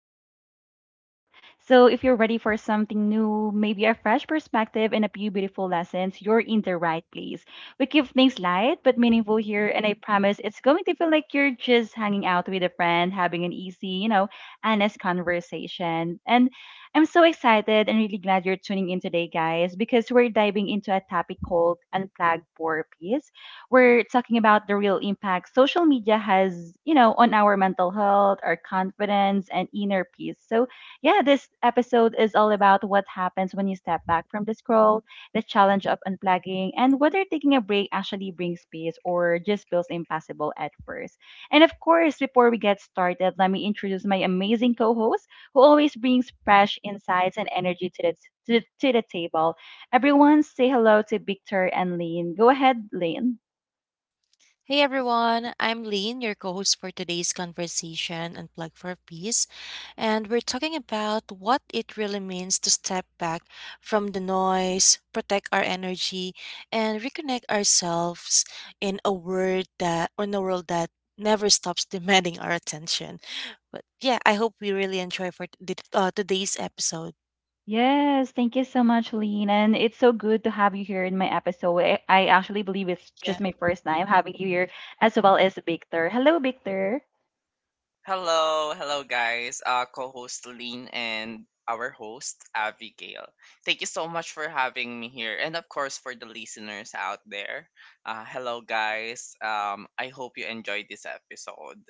bringing you all the good stuff. So, if you're ready for something new, maybe a fresh perspective, and a few beautiful lessons, you're in the right place. We keep things light but meaningful here, and I promise it's going to feel like you're just hanging out with a friend, having an easy, you know, honest conversation. And I'm so excited and really glad you're tuning in today, guys, because we're diving into a topic called Unplugged for Peace. We're talking about the real impact social media has, you know, on our mental health, our confidence, and inner peace. So, yeah, this episode is all about what happens when you step back from the scroll, the challenge of unplugging, and whether taking a break actually brings peace or just feels impossible at first. And of course, before we get started, let me introduce my amazing co host who always brings fresh insights and energy to the, to the table. Everyone, say hello to Victor and Lynn. Go ahead, Lynn. Hey everyone, I'm Lean, your co host for today's conversation and plug for peace. And we're talking about what it really means to step back from the noise, protect our energy, and reconnect ourselves in a world that never stops demanding our attention. But yeah, I hope we really enjoy for today's episode. Yes, thank you so much, Lean. And it's so good to have you here in my episode. I actually believe it's just my first time having you here, as well as Victor. Hello, Victor. Hello, hello guys. Co-host Lean and our host Abigail. Thank you so much for having me here, and of course for the listeners out there. Hello guys. I hope you enjoyed this episode.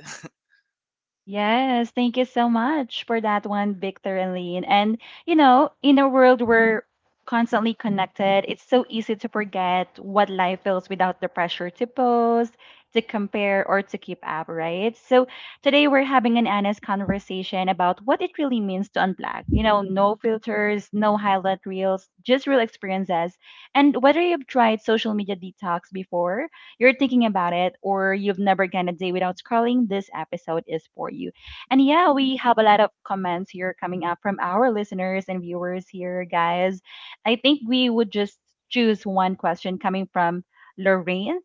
Yes, thank you so much for that one, Victor and Lean. And, you know, in a world where constantly connected, it's so easy to forget what life feels without the pressure to post, to compare, or to keep up, right? So today we're having an honest conversation about what it really means to unplug. You know, no filters, no highlight reels, just real experiences. And whether you've tried social media detox before, you're thinking about it or you've never gone a day without scrolling, this episode is for you. And yeah, we have a lot of comments here coming up from our listeners and viewers here, guys. I think we would just choose one question coming from Lorraine.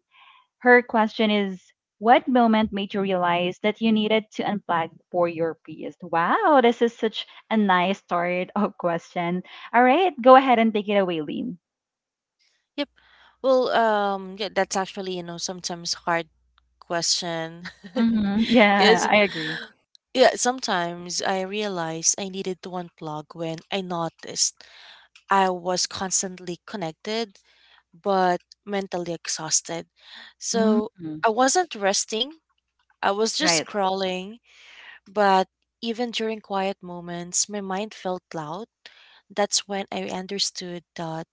Her question is, what moment made you realize that you needed to unplug for your peace? Wow, this is such a nice start of question. All right, go ahead and take it away, Lynn. Yep. Well, yeah, that's actually, sometimes hard question. Hmm. Yeah, Because, I agree. yeah, sometimes I realized I needed to unplug when I noticed I was constantly connected but mentally exhausted. So Hmm. I wasn't resting, I was just Right. scrolling, but even during quiet moments, my mind felt loud. That's when I understood that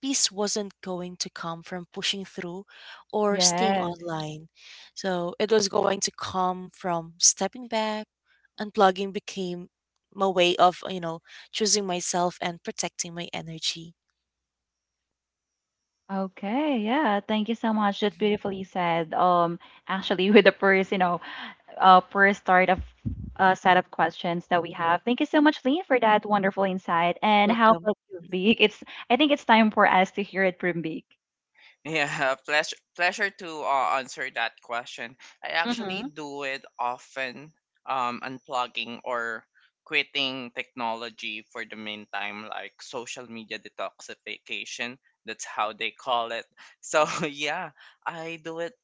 peace wasn't going to come from pushing through or staying Yes. online. So it was going to come from stepping back. Unplugging became my way of choosing myself and protecting my energy. Okay. Yeah. Thank you so much. That's Mhm. beautifully said. Actually, with the first, first start of set of questions that we have. Thank you so much, Lee, for that wonderful insight. And how Welcome. about you, Big? It's, I think it's time for us to hear it from Big. Yeah, pleasure pleasure to answer that question. I actually Mm-hmm. do it often, unplugging or quitting technology for the meantime, like social media detoxification. That's how they call it. So yeah, I do it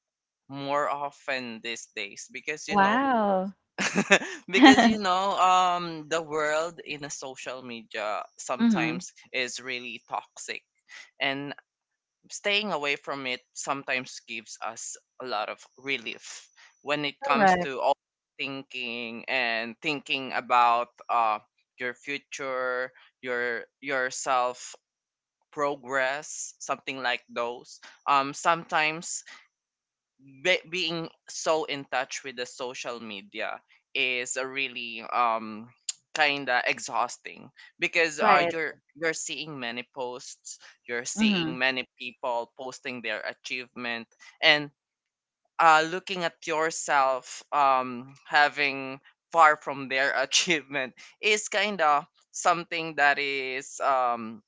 more often these days because Wow. because the world in a social media Mm-hmm. sometimes is really toxic, and staying away from it sometimes gives us a lot of relief when it comes Correct. to all thinking and thinking about your future, your yourself progress, something like those. Sometimes being so in touch with the social media is a really kind of exhausting because Right. you're seeing many posts, you're seeing Mm-hmm. many people posting their achievement, and looking at yourself having far from their achievement is kind of something that is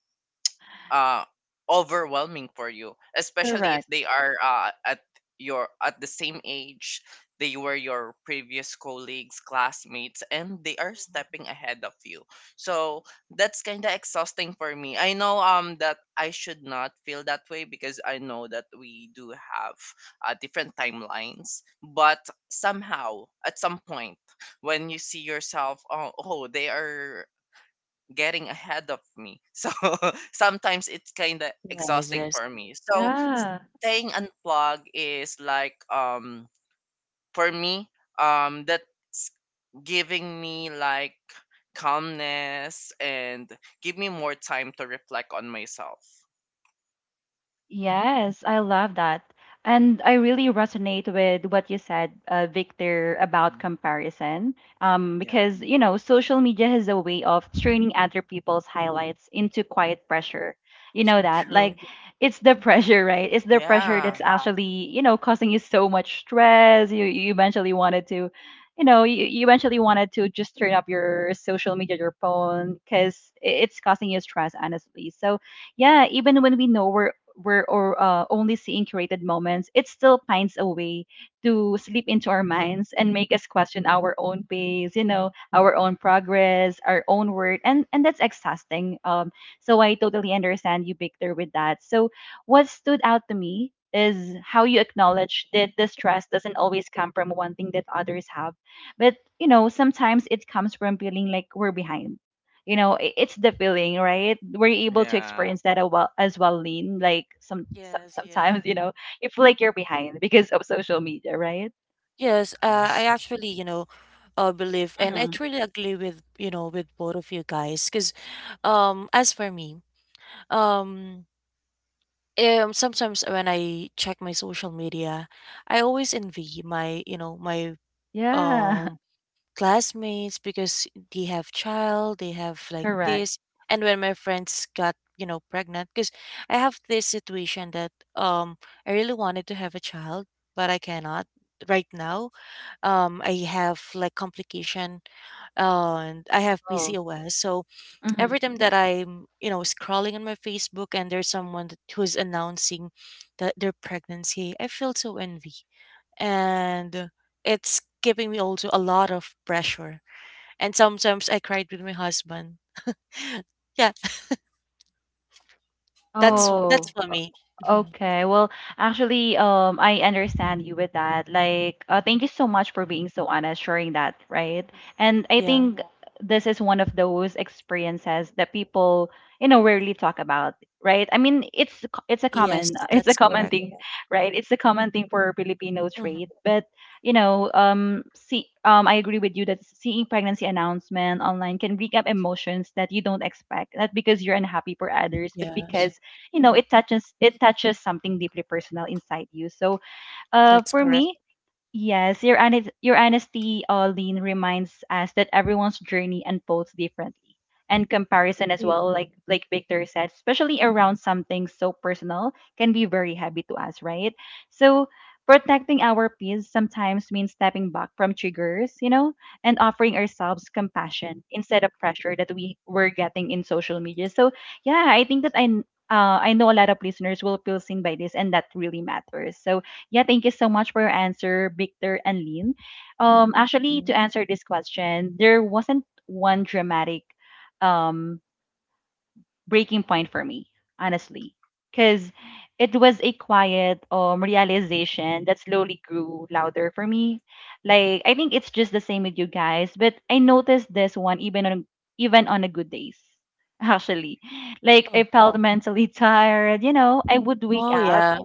uh, overwhelming for you, especially if Correct. they are at your at the same age, they were your previous colleagues, classmates, and they are stepping ahead of you. So that's kind of exhausting for me. I know that I should not feel that way because I know that we do have different timelines, but somehow at some point when you see yourself, oh, they are getting ahead of me. So sometimes it's kind of Yes, exhausting yes. for me. So Yeah. staying unplugged is like for me, that's giving me like calmness and give me more time to reflect on myself. Yes, I love that. And I really resonate with what you said, Victor, about Mm, comparison. Yeah. Because, you know, social media has a way of turning other people's highlights into quiet pressure. You know So that? Like, true. it's the pressure, right? It's the pressure Yeah. that's actually, you know, causing you so much stress. You eventually wanted to, you know, you eventually wanted to just turn up your social media, your phone, because it's causing you stress, honestly. So, yeah, even when we know we're or only seeing curated moments, it still finds a way to slip into our minds and make us question our own pace, you know, our own Mm, progress, our own work, and that's exhausting. So I totally understand you, Victor, with that. So what stood out to me is how you acknowledge that the stress doesn't always come from one thing that others have, but you know sometimes it comes from feeling like we're behind, you know, it's the feeling, right? Were you able to Yeah. experience that a well, as well, Lean? Like yes, yes. sometimes, you know, you feel like you're behind because of social media, right? Yes, I actually, believe and I Hmm. truly agree with, with both of you guys, because as for me, um sometimes when I check my social media, I always envy my, Yeah. um classmates, because they have child, they have like Correct. this. And when my friends got, pregnant, because I have this situation that I really wanted to have a child, but I cannot right now. I have like complication, and I have Oh. PCOS. So Hmm. every time that I'm, scrolling on my Facebook and there's someone that, who's announcing that their pregnancy, I feel so envy. And it's giving me also a lot of pressure, and sometimes I cried with my husband. Yeah, that's Mm. that's Oh. for me. Mhm. Okay. Well, actually, I understand you with that. Like, thank you so much for being so honest, sharing that, right? Mhm. And I Yeah. think this is one of those experiences that people, you know, rarely talk about, right? I mean, it's a common Yes, it's a that's common correct. thing, right? It's a common thing for Filipino Mhm. trait, but you know, see, I agree with you that seeing pregnancy announcement online can bring up emotions that you don't expect, not because you're unhappy for others, but Yes, because you know it touches something deeply personal inside you. So that's for correct. me. Yes, your honest, your honesty, Olin, reminds us that everyone's journey unfolds differently, and comparison as well, Mhm. Like Victor said, especially around something so personal, can be very heavy to us, right? So protecting our peace sometimes means stepping back from triggers, you know, and offering ourselves compassion instead of pressure that we were getting in social media. So yeah, I think that I. I know a lot of listeners will feel seen by this, and that really matters. So, yeah, thank you so much for your answer, Victor and Lynn. Actually, to Mhm. answer this question, there wasn't one dramatic um breaking point for me, honestly, because it was a quiet realization that slowly grew louder for me. Like I think it's just the same with you guys, but I noticed this one even on the good days. Actually, like I Oh. felt mentally tired. You know, I would wake Oh, up. yeah.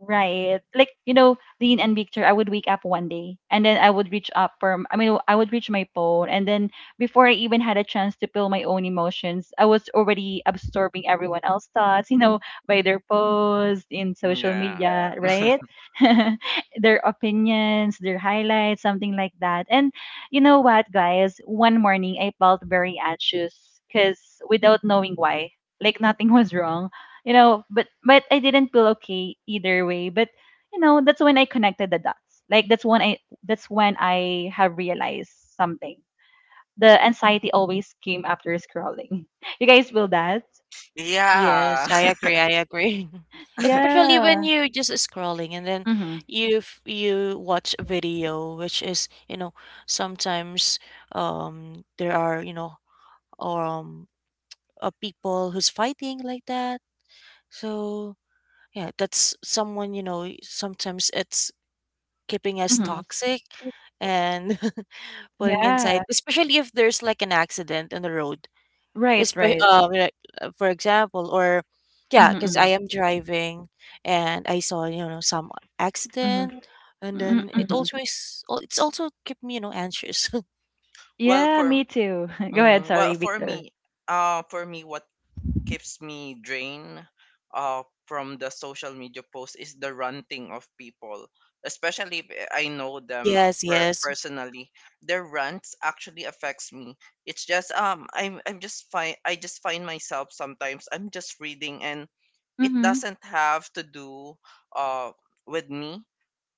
Right. Like, you know, Dean and Victor, I would wake up one day and then I mean, I would reach my phone and then before I even had a chance to feel my own emotions, I was already absorbing everyone else's thoughts, you know, by their posts in social Yeah. media, right? their opinions, their highlights, something like that. And you know what, guys? One morning I felt very anxious because without knowing why, like nothing was wrong, you know, but I didn't feel okay either way. But you know, that's when I connected the dots. Like that's when I have realized something, the anxiety always came after scrolling. You guys feel that? Yes, Yeah. I agree. I agree. Especially when Yeah. you're just scrolling and then Mm-hmm. you watch a video, which is, you know, sometimes there are, um people who's fighting like that. So yeah, that's someone, sometimes it's keeping us Mm-hmm. Yes. toxic, and putting Yeah. inside, especially if there's like an accident on the road. Right, right. Like, for example, or yeah, because I Mm-hmm. am driving and I saw, some accident, Mm-hmm. and then it Mm-hmm. always, it's also kept me, anxious. well Yeah, for me too. Go ahead, mm, sorry, well for Victor. me for me, what keeps me drained from the social media post is the ranting of people, especially if I know Oh, them yes, yes, personally. Their rants actually affects me. It's just um i'm i'm just fine. I just find myself sometimes I'm just reading and it Mm-hmm. doesn't have to do uh with me,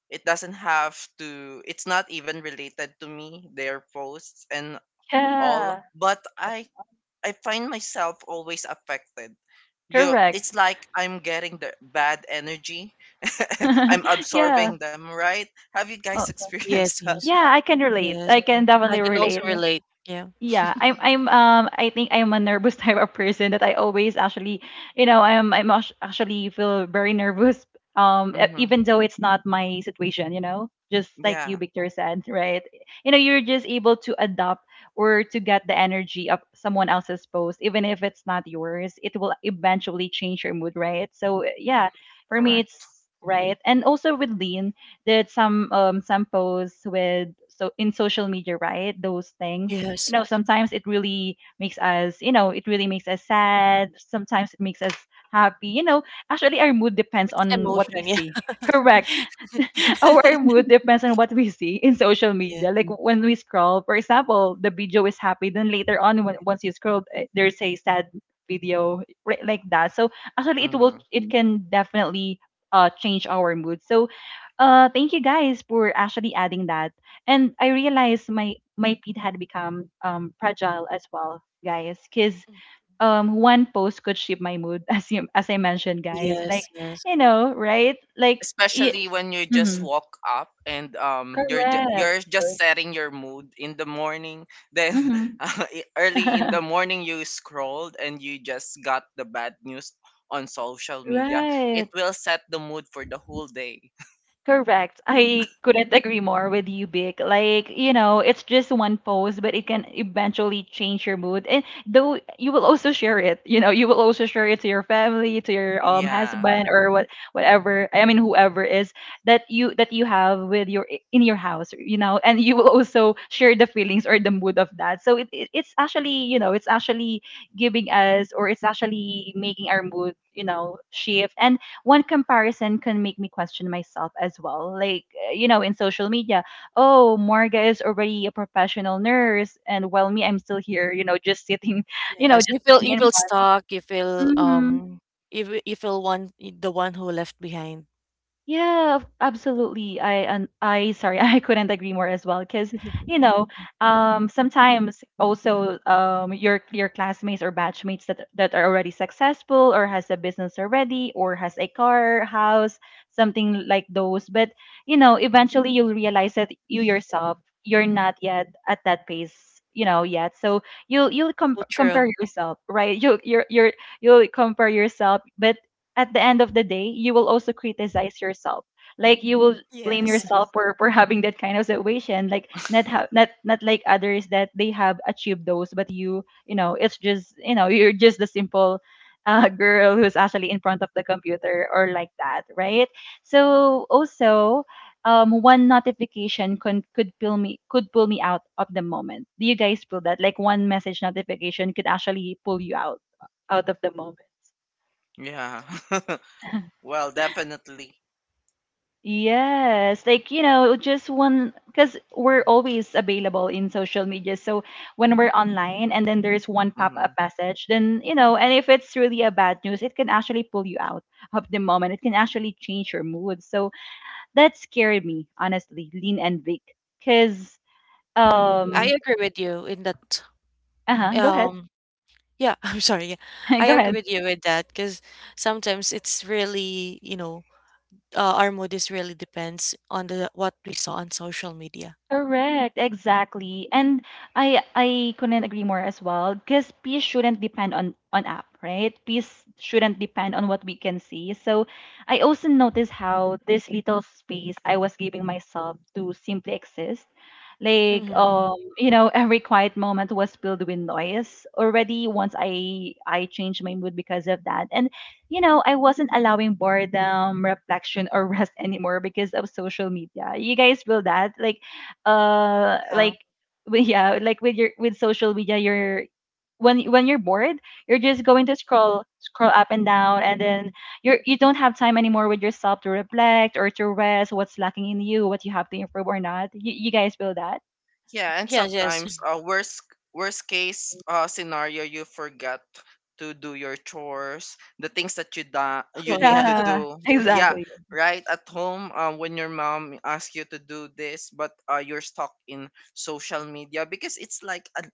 it doesn't have to it's not even related to me, their posts and all, Yeah. but I find myself always affected. You, Correct. it's like I'm getting the bad energy, I'm yeah. absorbing them, right? Have you guys Oh, experienced yes, that? yes, yeah, I can relate. yes. I can I definitely can also relate. relate. Yeah. Yeah, I think I'm a nervous type of person that I always actually, you know, actually feel very nervous Hmm. even though it's not my situation, you know. Just like you Yeah, Victor said, right? You know, you're just able to adopt or to get the energy of someone else's post even if it's not yours. It will eventually change your mood, right? So, yeah, for me correct. it's right. And also with Lean, did some posts with so in social media, right? Those things you Yes. know sometimes it really makes us you know it really makes us sad, sometimes it makes us happy, you know. Actually our mood depends Mixed on what we emotion. see. Correct. Yeah. Our mood depends on what we see in social Yeah. media. Like when we scroll, for example, the video is happy, then later on, when, once you scroll, eh, there's a sad video, right, like that. So actually, Hmm, it can definitely change our mood. So, thank you guys for actually adding that. And I realized my feed had become fragile as well, guys, because Mhm. One post could shape my mood as you as I mentioned, guys. Like Yes, yes, you know, right? Like. especially when you just Yeah. woke up and Correct. you're just setting your mood in the morning, then Mhm. uh, early in the morning you scrolled and you just got the bad news on social media. Right. It will set the mood for the whole day. Correct. I couldn't agree more with you, Big. Like, you know, it's just one post, but it can eventually change your mood. And though you will also share it, you know, you will also share it to your family, to your yeah, husband or what whatever, I mean whoever is that you have with your in your house, you know, and you will also share the feelings or the mood of that. So it's actually, you know, it's actually giving us or it's actually making our mood, you know, shift. And one comparison can make me question myself as well. Like, you know, in social media, oh, Morga is already a professional nurse, and while me, I'm still here, you know, just sitting, you know, yes. just You feel sitting you in feel front. stuck. You feel, Mm-hmm. You feel one the one who left behind. Yeah, absolutely. I, sorry, I couldn't agree more as well because you know, sometimes also your classmates or batchmates that are already successful or has a business already or has a car, house, something like those. But you know, eventually you'll realize that you yourself, you're not yet at that pace, you know, yet. So So compare true. yourself, right? You're, you'll compare yourself. But at the end of the day, you will also criticize yourself. Like you will blame Yes, yourself for having that kind of situation. Like not ha- not not like others that they have achieved those, but you know, it's just, you know, you're just the simple girl who's actually in front of the computer or like that, right? So also. One notification could pull me out of the moment. Do you guys feel that? Like one message notification could actually pull you out of the moment. yeah. well, definitely. Yes, like you know, just one, because we're always available in social media. So when we're online and then there's one pop Mm-hmm. up message, then, you know, and if it's really a bad news, it can actually pull you out of the moment. It can actually change your mood. So that scared me, honestly, Lean and Vic. Because, I um, agree with you in that. uh huh, go ahead, Um, yeah, I'm sorry. Yeah, I go agree ahead. with you with that, because sometimes it's really, our mood is really depends on the what we saw on social media. Correct, exactly. And I couldn't agree more as well because peace shouldn't depend on app, right? Peace shouldn't depend on what we can see. So I also noticed how this little space I was giving myself to simply exist, like Hmm. Every quiet moment was filled with noise already once I changed my mood because of that. And I wasn't allowing boredom, reflection, or rest anymore because of social media. You guys feel that? Like uh Yeah. like yeah, like with your with social media, you're, when you're bored, you're just going to scroll up and down, and then you don't have time anymore with yourself to reflect or to rest, what's lacking in you, what you have to improve or not. You, you guys feel that? Yeah, and Yes. Yes. sometimes worst case scenario, you forget to do your chores, the things that you Oh need yeah. to Yeah, do. Yeah, exactly. right at home, when your mom asks you to do this, but you're stuck in social media because it's like a,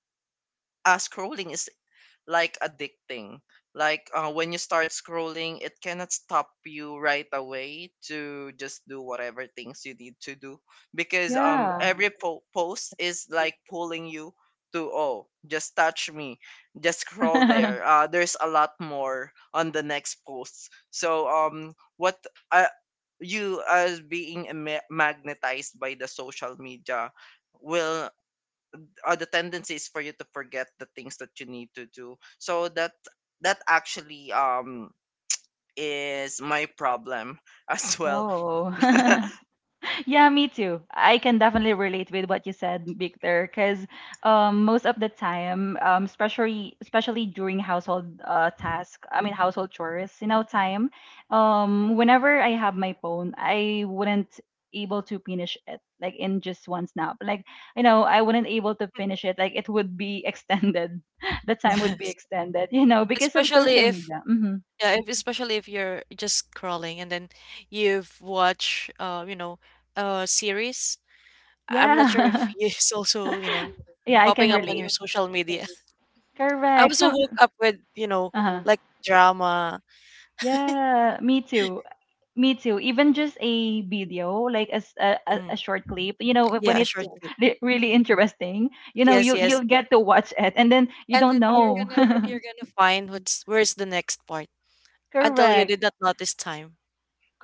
a scrolling is like addicting. Like when you start scrolling, it cannot stop you right away to just do whatever things you need to do because Yeah. Post is like pulling you to, oh just touch me, just scroll there. There's a lot more on the next posts. So what uh, you as being magnetized by the social media will, the tendency is for you to forget the things that you need to do. So that actually is my problem as well. Oh. Yeah, me too. I can definitely relate with what you said, Victor, because most of the time, especially during household task, I mean, household chores, you know, time. Whenever I have my phone, I wouldn't able to finish it like in just one snap. Like, you know, I wouldn't able to finish it. Like it would be extended. The time would be Yes. extended, you know, because of Especially social if, media. Hmm especially if you're just scrolling, and then you've watched, a series. I'm not sure if Yeah, it's also, yeah, I can popping up on relate. your social media. I Correct. was so Some. hooked up with, Uh huh. like drama. Yeah, me too. Me too. Even just a video, like as a Mm, short clip, you know, when yeah, a it's short yes, clip. Really interesting, you know, Yes, yes. you'll get to watch it, and then you And don't then you're know. gonna you're gonna find what's where's the next part, until you Correct. did not notice time.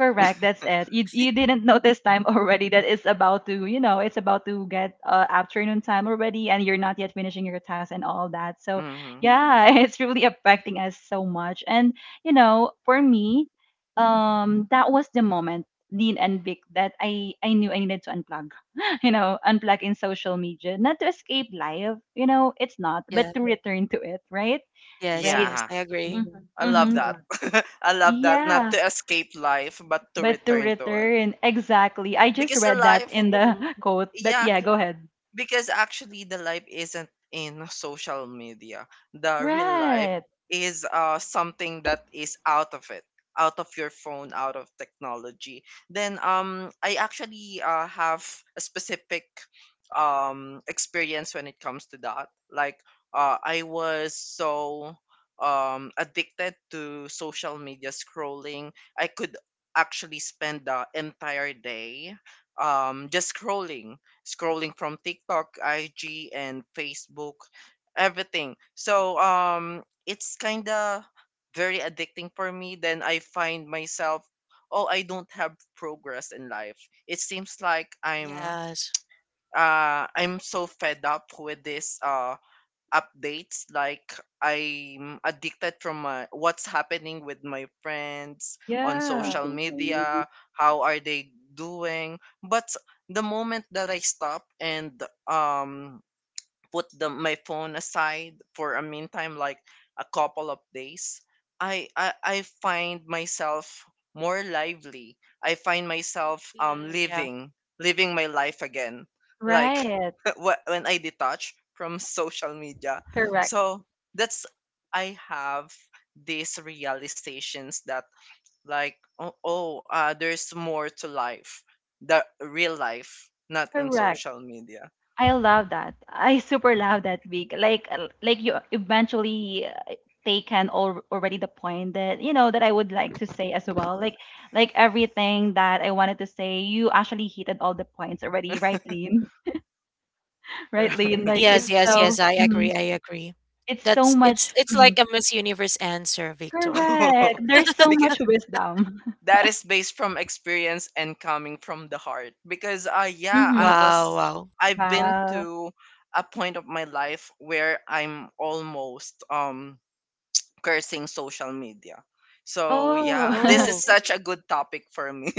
Correct. That's it. You didn't notice time already that it's about to, you know, it's about to get afternoon time already, and you're not yet finishing your task and all that. So hmm, yeah, it's really affecting us so much. And you know, for me, that was the moment, Dean and Vic, that I knew I needed to unplug. You know, unplug in social media, not to escape life. You know, it's not, Yeah. but to return to it. Right. Yes, Right. yes, yeah, I agree. Mm-hmm. I love Mm-hmm. that. I love that, not Yeah. to escape life but to But to return to it, return, exactly. I just because the read that life, in Mhm. the quote. But yeah, yeah, go ahead. because actually the life isn't in social media. The real life Right. is something that is out of it, out of your phone, out of technology. Then I actually have a specific experience when it comes to that. Like, I was so addicted to social media scrolling. I could actually spend the entire day just scrolling, scrolling from TikTok, IG, and Facebook, everything. So it's kind of very addicting for me. Then I find myself, oh, I don't have progress in life. It seems like I'm Yes. uh I'm so fed up with this updates, like I'm addicted from my, what's happening with my friends on Yeah. social Something for maybe. media, how are they doing. But the moment that I stop and um put the my phone aside for a meantime, like a couple of days, I find myself more lively, I find myself Mhm, yeah. living, living my life again. Like Right. wh- when I detach from social media, Correct. so that's, I have these realizations that, like, oh, there's more to life, the real life, not in Correct. social media. I love that. I super love that week. Like you eventually taken already the point that you know that I would like to say as well. Like everything that I wanted to say, you actually hit all the points already, right, Lynn? Right, Lynn? Like it's Yes, yes, so yes, I mhm. agree, It's so That's, much. it's Mhm. like a Miss Universe answer, Victor. Correct. There's so much because wisdom. that is based from experience and coming from the heart. Because yeah, i Mm-hmm. Wow, was wow. i've been Wow. to a point of my life where I'm almost cursing social media. So Oh, yeah, this is Oh. such a good topic for me.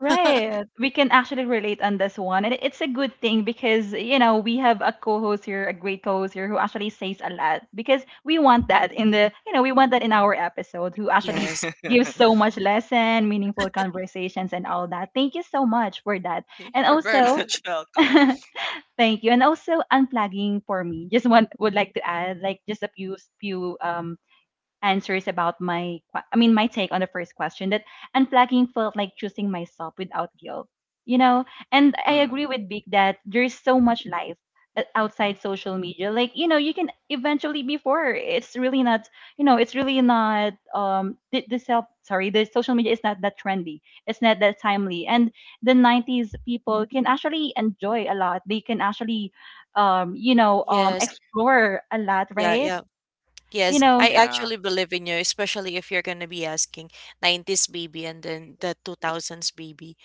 right. We can actually relate on this one. And it's a good thing because, you know, we have a co-host here, a great co-host here who actually says a lot because we want that in the, you know, we want that in our episode who actually Yes. gives so much lesson, meaningful conversations, and all that. Thank you so much for that. And you're very also, much welcome. thank you. And also unplugging for me. Just one would like to add like just a few answers about my I mean, my take on the first question, that unplugging felt like choosing myself without guilt. You know, and I Mm, agree with Big that there's so much life outside social media. Like, you know, you can eventually before it's really not, you know, it's really not the self, sorry, the social media is not that trendy. It's not that timely. And the 90s people can actually enjoy a lot. They can actually you know, Yes. explore a lot, Yeah, right? yeah. You Yes. know, I yeah, actually believe in you, especially if you're gonna be asking 90s baby and then the 2000s baby.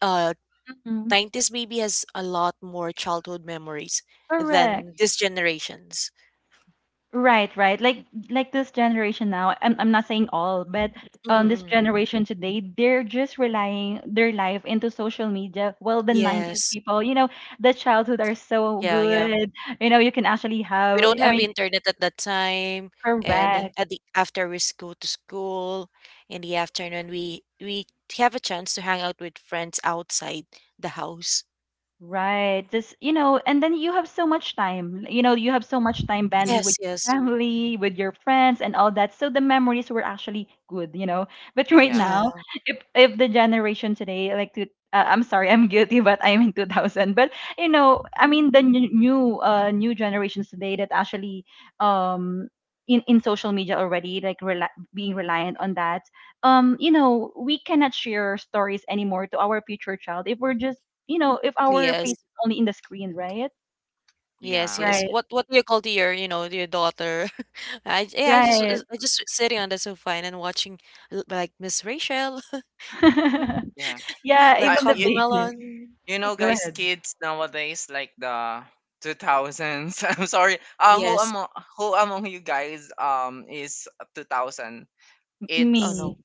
Uh, 90s baby has a lot more childhood memories correct. than this generation's. Right, right. Like this generation now, I'm not saying all, but this Mm-mm. generation today, they're just relying their life into social media. Well, the 90s Yes. people, you know, the childhood are so Yeah, yeah. good. You know, you can actually We have, don't I have mean, internet at that time, and correct. at the after go to school in the afternoon, we have a chance to hang out with friends outside the house. Right. Just, you know, and then you have so much time. You know, you have so much time banding with Yes, your yes. family, with your friends, and all that. So the memories were actually good, you know. But right yeah, now, Yeah. If the generation today like to I'm sorry, I'm guilty, but I'm in 2000. But you know, I mean the new generations today that actually um in social media already, like rela being reliant on that. You know, we cannot share stories anymore to our future child if we're just, you know, if our Yes. face is only in the screen, right? Yes, yeah, yes. Right. What do you call to your, your daughter? I yeah, Right. I just sitting on the sofa and then watching like Miss Rachel, yeah Yeah, like I even the babies. Cocomelon. Mm. You know, Go guys, ahead. kids nowadays, like the 2000s. I'm sorry. Yes. Who among you guys is 2000? Oh It's no. Me.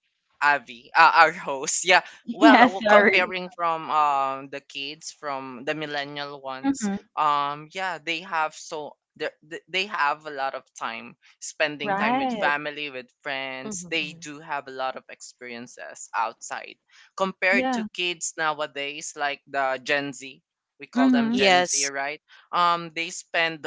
Avi, our host. Yeah. Well, Yeah, oh, sorry. comparing from the kids from the millennial ones, Mm-hmm. Yeah, they have a lot of time spending time with Right. family, with friends. They Hmm. do have a lot of experiences outside compared Yeah. to kids nowadays, like the Gen Z. We call them Mm-hmm. Gen Z, Yes. right? They spend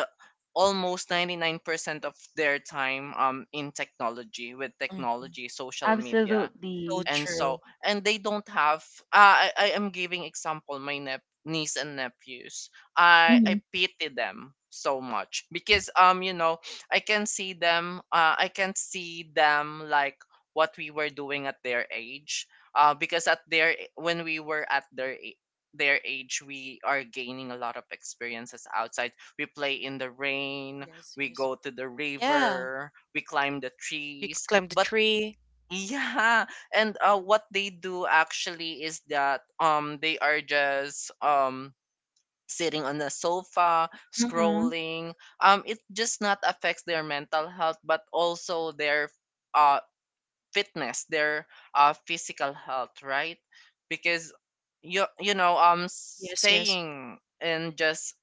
almost 99% of their time in technology, with Hmm. technology, social media. So Absolutely. And true. so, and they don't have, I am giving example my niece and nephews. I Mm-hmm. pity them so much because you know, I can see them, I can see them like what we were doing at their age. Because at their When we were at their age, we are gaining a lot of experiences outside. We play in the Mhm. rain, Yes, we yes. go to the Yeah, river, we climb the you could trees. climb the But tree. yeah, and what they do actually is that they are just sitting on the sofa Mm-hmm. scrolling. It just not affects their mental health, but also their uh fitness, their physical health, right? Because you know Yes, yes. staying and just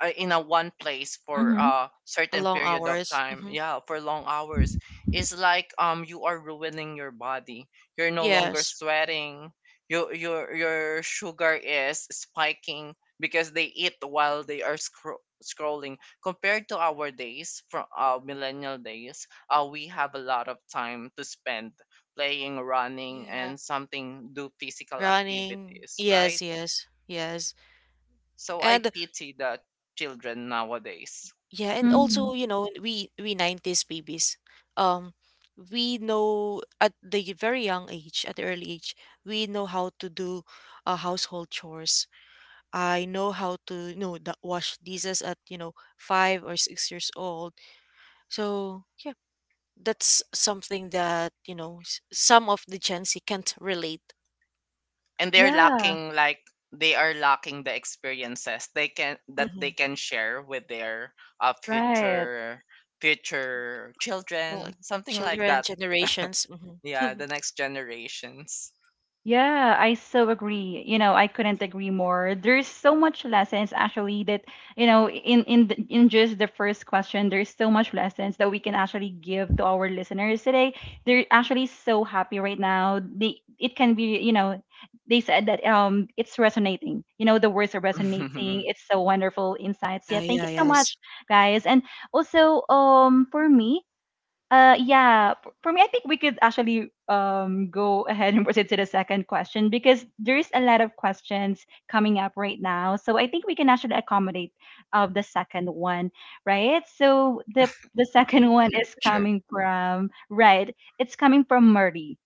in a one place for Mm-hmm. a A certain long period of hours. time, Hmm. yeah, for long hours, it's like you are ruining your body, you're no longer Yes. sweating, your sugar is spiking because they eat while they are scrolling, compared to our days from millennial days. Uh, we have a lot of time to spend playing, running Yeah. and something, do physical Running. activities, Yes, right? yes, yes. So I And pity the children nowadays. yeah, and Mm-hmm. also, we 90s babies. Um, we know at the very young age, at the early age, we know how to do, household chores. I know how to, wash dishes at, 5 or 6 years old. So yeah, that's something that some of the Gen Z can't relate. And they're Yeah. lacking like, they are lacking the experiences they can that Mm-hmm. they can share with their Right. future, future Like children, something like children that. generations. Yeah, Mm-hmm. the next generations. Yeah, I so agree. You know, I couldn't agree more. There's so much lessons actually that, you know, in just the first question, there's so much lessons that we can actually give to our listeners today. They're actually so happy right now. They it can be, you know, they said that it's resonating. You know, the words are resonating. It's so wonderful insights. Yeah, Yeah, thank yeah, you so yes. much, guys. And also for me, yeah, for me, I think we could actually go ahead and proceed to the second question because there is a lot of questions coming up right now. So I think we can actually accommodate of the second one, right? So the second Mhm. one Sure, is sure. coming from right. It's coming from Murray.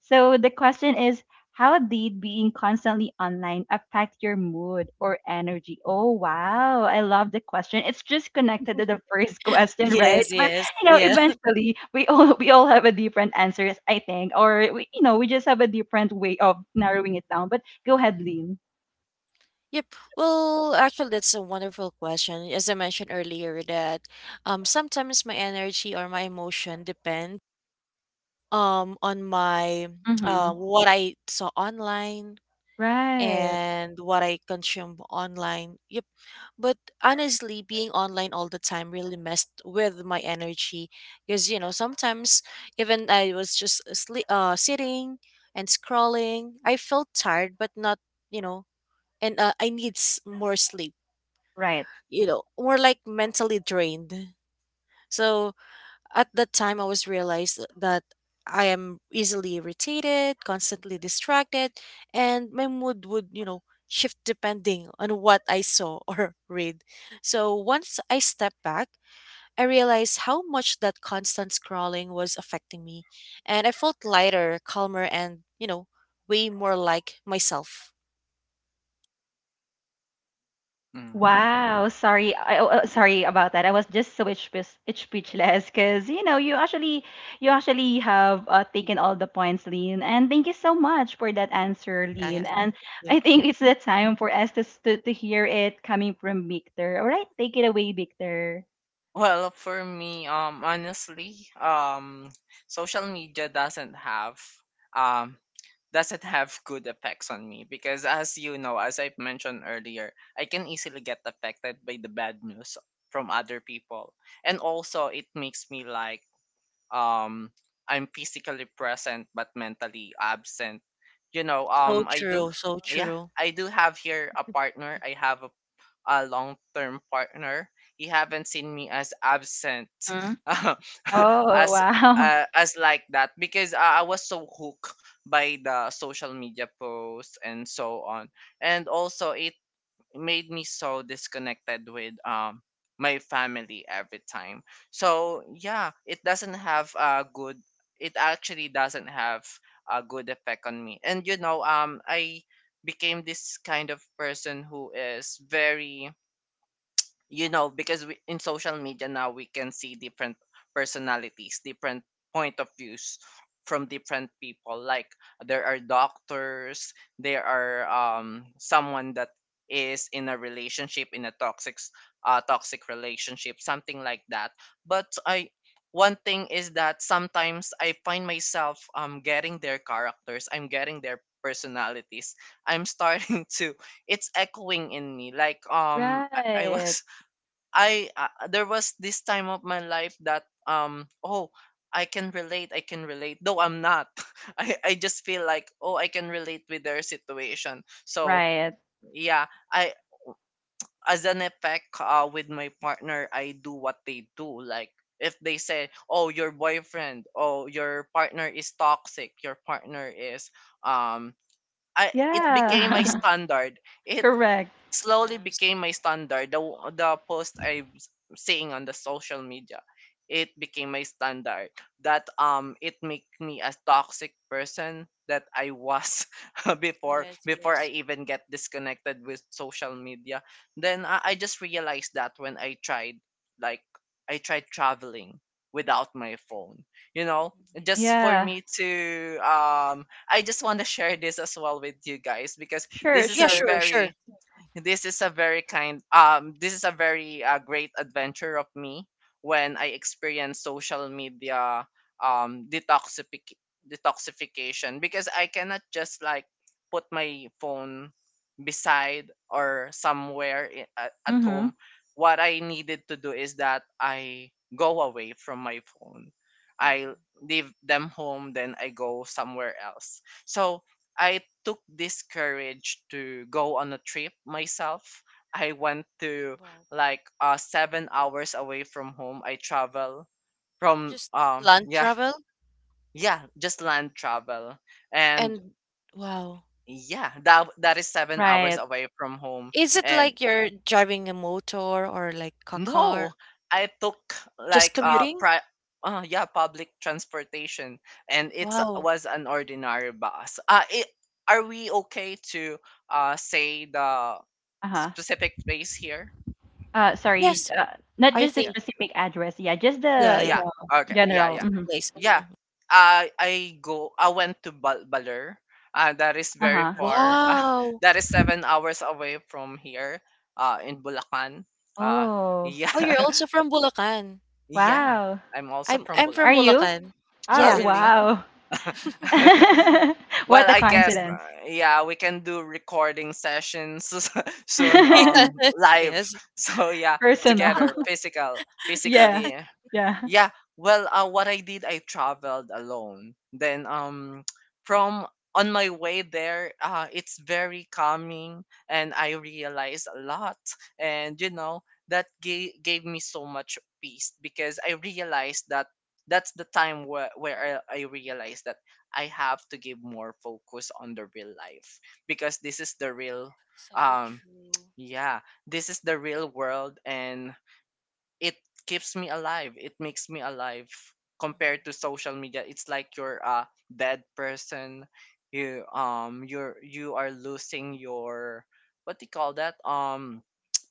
So the question is, how did being constantly online affect your mood or energy? Oh wow, I love the question. It's just connected to the first question, right? Yes, But yes, you know, yeah. eventually we all have a different answers, I think, or we, you know, we just have a different way of narrowing it down. But go ahead, Lynn. Yep. Well, actually, that's a wonderful question. As I mentioned earlier, that sometimes my energy or my emotion depend on my Mm-hmm. what I saw online Right. and what I consume online. Yep. But honestly, being online all the time really messed with my energy, because sometimes, even I was just asleep, sitting and scrolling. I felt tired, but not, you know, and I need, more sleep. Right. You know, more like mentally drained. So at that time, I was realized that I am easily irritated, constantly distracted, and my mood would, shift depending on what I saw or read. So once I stepped back, I realized how much that constant scrolling was affecting me, and I felt lighter, calmer, and way more like myself. Mhm. Wow, sorry. I, oh, oh, sorry about that. I was just so speechless, because you know you actually have taken all the points, Lean. And thank you so much for that answer, Yeah, yeah. Lean. And Yeah. I think it's the time for us to to hear it coming from Victor. All right, take it away, Victor. Well, for me, honestly, social media doesn't have um good effects on me because, as you know, as I've mentioned earlier, I can easily get affected by the bad news from other people. And also it makes me like, um I'm physically present but mentally absent. You know, So I do true, so yeah, true. I do have here a partner. I have a long-term partner, he haven't seen me as absent Hmm? Oh as wow. As like that, because I was so hooked by the social media posts and so on. And also it made me so disconnected with my family every time. So yeah, it doesn't have a good, it actually doesn't have a good effect on me. And you know, I became this kind of person who is very, you know, because we, in social media now, we can see different personalities, different point of views from different people. Like, there are doctors, there are someone that is in a relationship, in a toxic relationship, something like that. But i one thing is that sometimes I find myself getting their characters, I'm getting their personalities, I'm starting to, it's echoing in me. Like I Right. was, I there was this time of my life that, um, oh, I can relate, I can relate though I'm not. I just feel like, oh, I can relate with their situation. So Right. yeah, I, as an effect with my partner, I do what they do. Like if they say, oh, your boyfriend, oh, your partner is toxic, your partner is um I, it became my Yeah. standard, it Hmm. Correct. slowly Yes, became my standard. The post I'm seeing on the social media, it became my standard. That, it make me a toxic person that I was before, yes, before yes. I even get disconnected with social media. Then I just realized that when I tried, like I tried traveling without my phone. You know, Mhm. just for Wow. Yeah. me to I just want to share this as well with you guys because Sure, this is Yeah, a sure. sure, very sure. This is a very great adventure of me when I experienced social media detoxification because I cannot just like put my phone beside or somewhere at Mm-hmm. home. What I needed to do is that I go away from my phone. I Mm-hmm. leave them home, then I go somewhere else. So I took this courage to go on a trip myself. I went to, Wow. like, 7 hours away from home. I travel from, Just land yeah, travel? yeah, just land travel. And And wow. yeah, that is 7 hours Right. away from home. Is it And like you're driving a motor or like a no, car? I took, Just like, commuting? pri yeah, public transportation, and it's Wow. was an ordinary bus. Are we okay to say the Uh-huh. specific place here? Sorry, Yes, not I just the Yeah. think specific address. Yeah, just yeah, the, yeah, you Yeah. know, Okay. Yeah. general. it's Yeah. the Hmm place. Yeah. Mhm. I go. I went to Baler. That is very Uh-huh. far. Wow! That is 7 hours away from here. In Bulacan. Uh, Oh, yeah. Oh, you're also from Bulacan. Yeah. wow. I'm also I'm from I'm Bulacan. from Are you? Bulacan. Oh, Oh, Yeah. really? wow. Well, What a I guess. coincidence. Yeah, we can do recording sessions soon. Yes, Live. yes. So yeah, together, Personal. physical, Yeah. physically. Yeah. Yeah, well, what I did, I traveled alone. Then, from on my way there, it's very calming, and I realized a lot. And you know, that gave me so much peace, because I realized that that's the time where I realized that I have to give more focus on the real life, because this is the real, So um, true. yeah, this is the real world, and it keeps me alive. It makes me alive Mhm, compared to social media. It's like you're a dead person. You are losing your, what do you call that?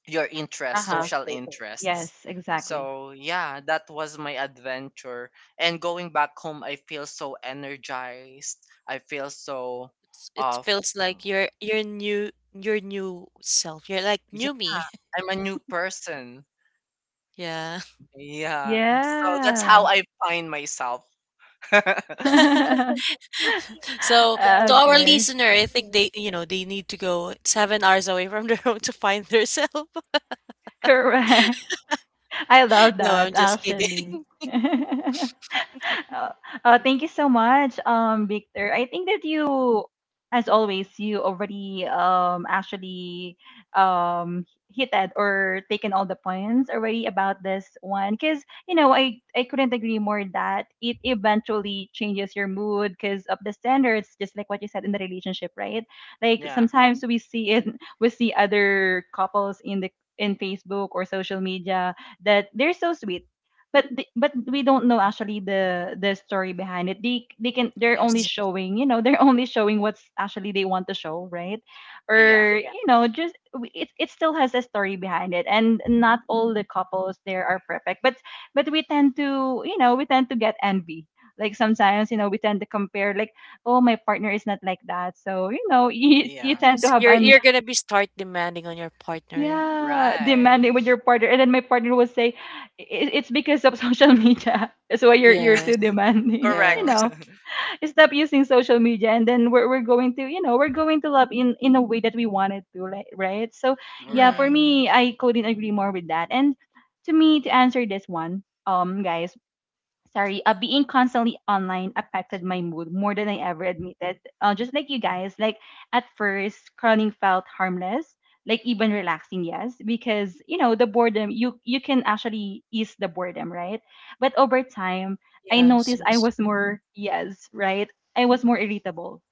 Your interest, Uh-huh. social interests. Yes, mhm. exactly. So yeah, that was my adventure. And going back home, I feel so energized. I feel so, It uh feels like you're new your new self. You're like yeah, new me. I'm a new person. Yeah. Yeah. So that's how Yeah. I find myself. So to our Okay. listener, I think they need to go 7 hours away from their home to find their self. Correct. I love No, that, I'm just kidding. actually. Uh, thank you so much, Victor. I think that you, as always, you already actually um hitted or taken all the points already about this one, because you know I couldn't agree more that it eventually changes your mood because of the standards, just like what you said in the relationship, right? Like Yeah. sometimes we see it, we see other couples in the in Facebook or social media that they're so sweet, but but we don't know actually the story behind it. They can, they're only Yes. showing, you know, they're only showing what's actually they want to show, right? Yeah. Or you know, just it still has a story behind it, and not all the couples there are perfect, but we tend to, you know, we tend to get envy, like sometimes, you know, we tend to compare, like, oh my partner is not like that, so you know, you Yeah. tend to Yes. have You're an you're gonna be start demanding on your partner. yeah, Right. demanding with your partner, and then my partner will say, "I- It's because of social media. That's why you're Yes. too demanding." You Correct. Yes. know, stop using social media, and then we're going to, you know, we're going to love in a way that we wanted to, like, right? So Mm-hmm. yeah, for Right. Mm-hmm. me, I couldn't agree more with that. And to me, to answer this one, guys, sorry, being constantly online affected my mood more than I ever admitted. Just like you guys, like at first, scrolling felt harmless, like even relaxing, yes, because you know the boredom. You can actually ease the boredom, right? But over time, I Yes. noticed I Yes. was more yes, right. I was more irritable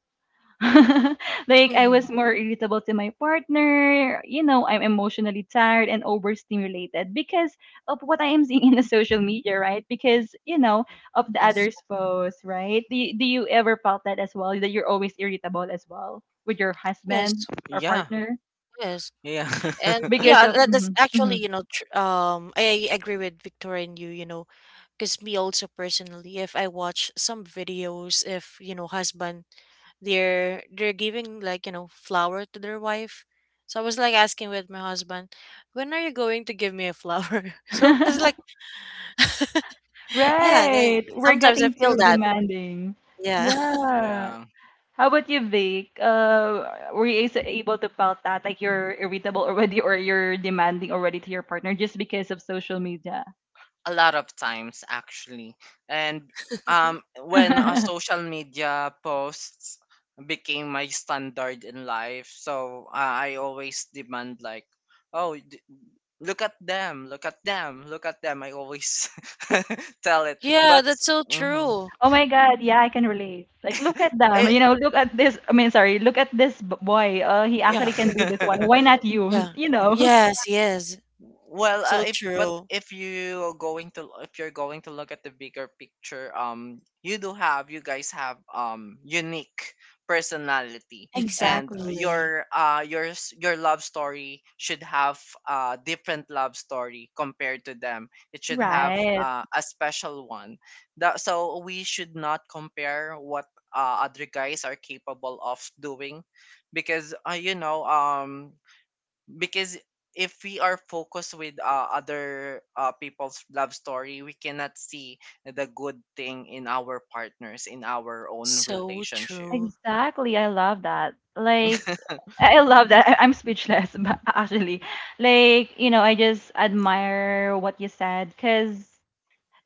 like I Mm-hmm. was more irritable to my partner. You know, I'm emotionally tired and overstimulated because of what I am seeing in the social media, right? Because you know Yep. of the Yes. others' posts, right? Do you ever felt that as well? That you're always irritable as well with your husband Yes. or Yeah. partner Yes. Yeah. And because yeah, of that's Mhm, actually, mhm. I agree with Victoria and you because me also personally, if I watch some videos, if you know, husband, they're giving, like, flower to their wife. So I was like asking with my husband, when are you going to give me a flower? So I was like, yeah, they, Right? We're sometimes I getting feel too that, demanding. yeah. Yeah. Yeah. How about you, Vic? Able to felt that like you're irritable already or you're demanding already to your partner just because of social media? A lot of times, actually. And when a social media posts became my standard in life, so, I always demand, like, oh, look at them! Look at them! Look at them! I always tell it, Yeah, but that's so mhm. true. Oh my God, yeah, I can relate. Like, look at them. You know, look at this. I mean, sorry, look at this boy. He actually Yeah, can do this one. It, Why not you? yeah. You know. Yes, yes. well, So true. if you are going to, if you're going to look at the bigger picture, you guys have unique personality, and Exactly. Exactly. Your love story should have a different love story compared to them. It should have, Right. A special one. That so we should not compare what other guys are capable of doing, because, because if we are focused with, other, people's love story, we cannot see the good thing in our partners, in our own So relationship. true. Exactly. I love that. Like, I love that. I'm speechless, but actually, like, you know, I just admire what you said because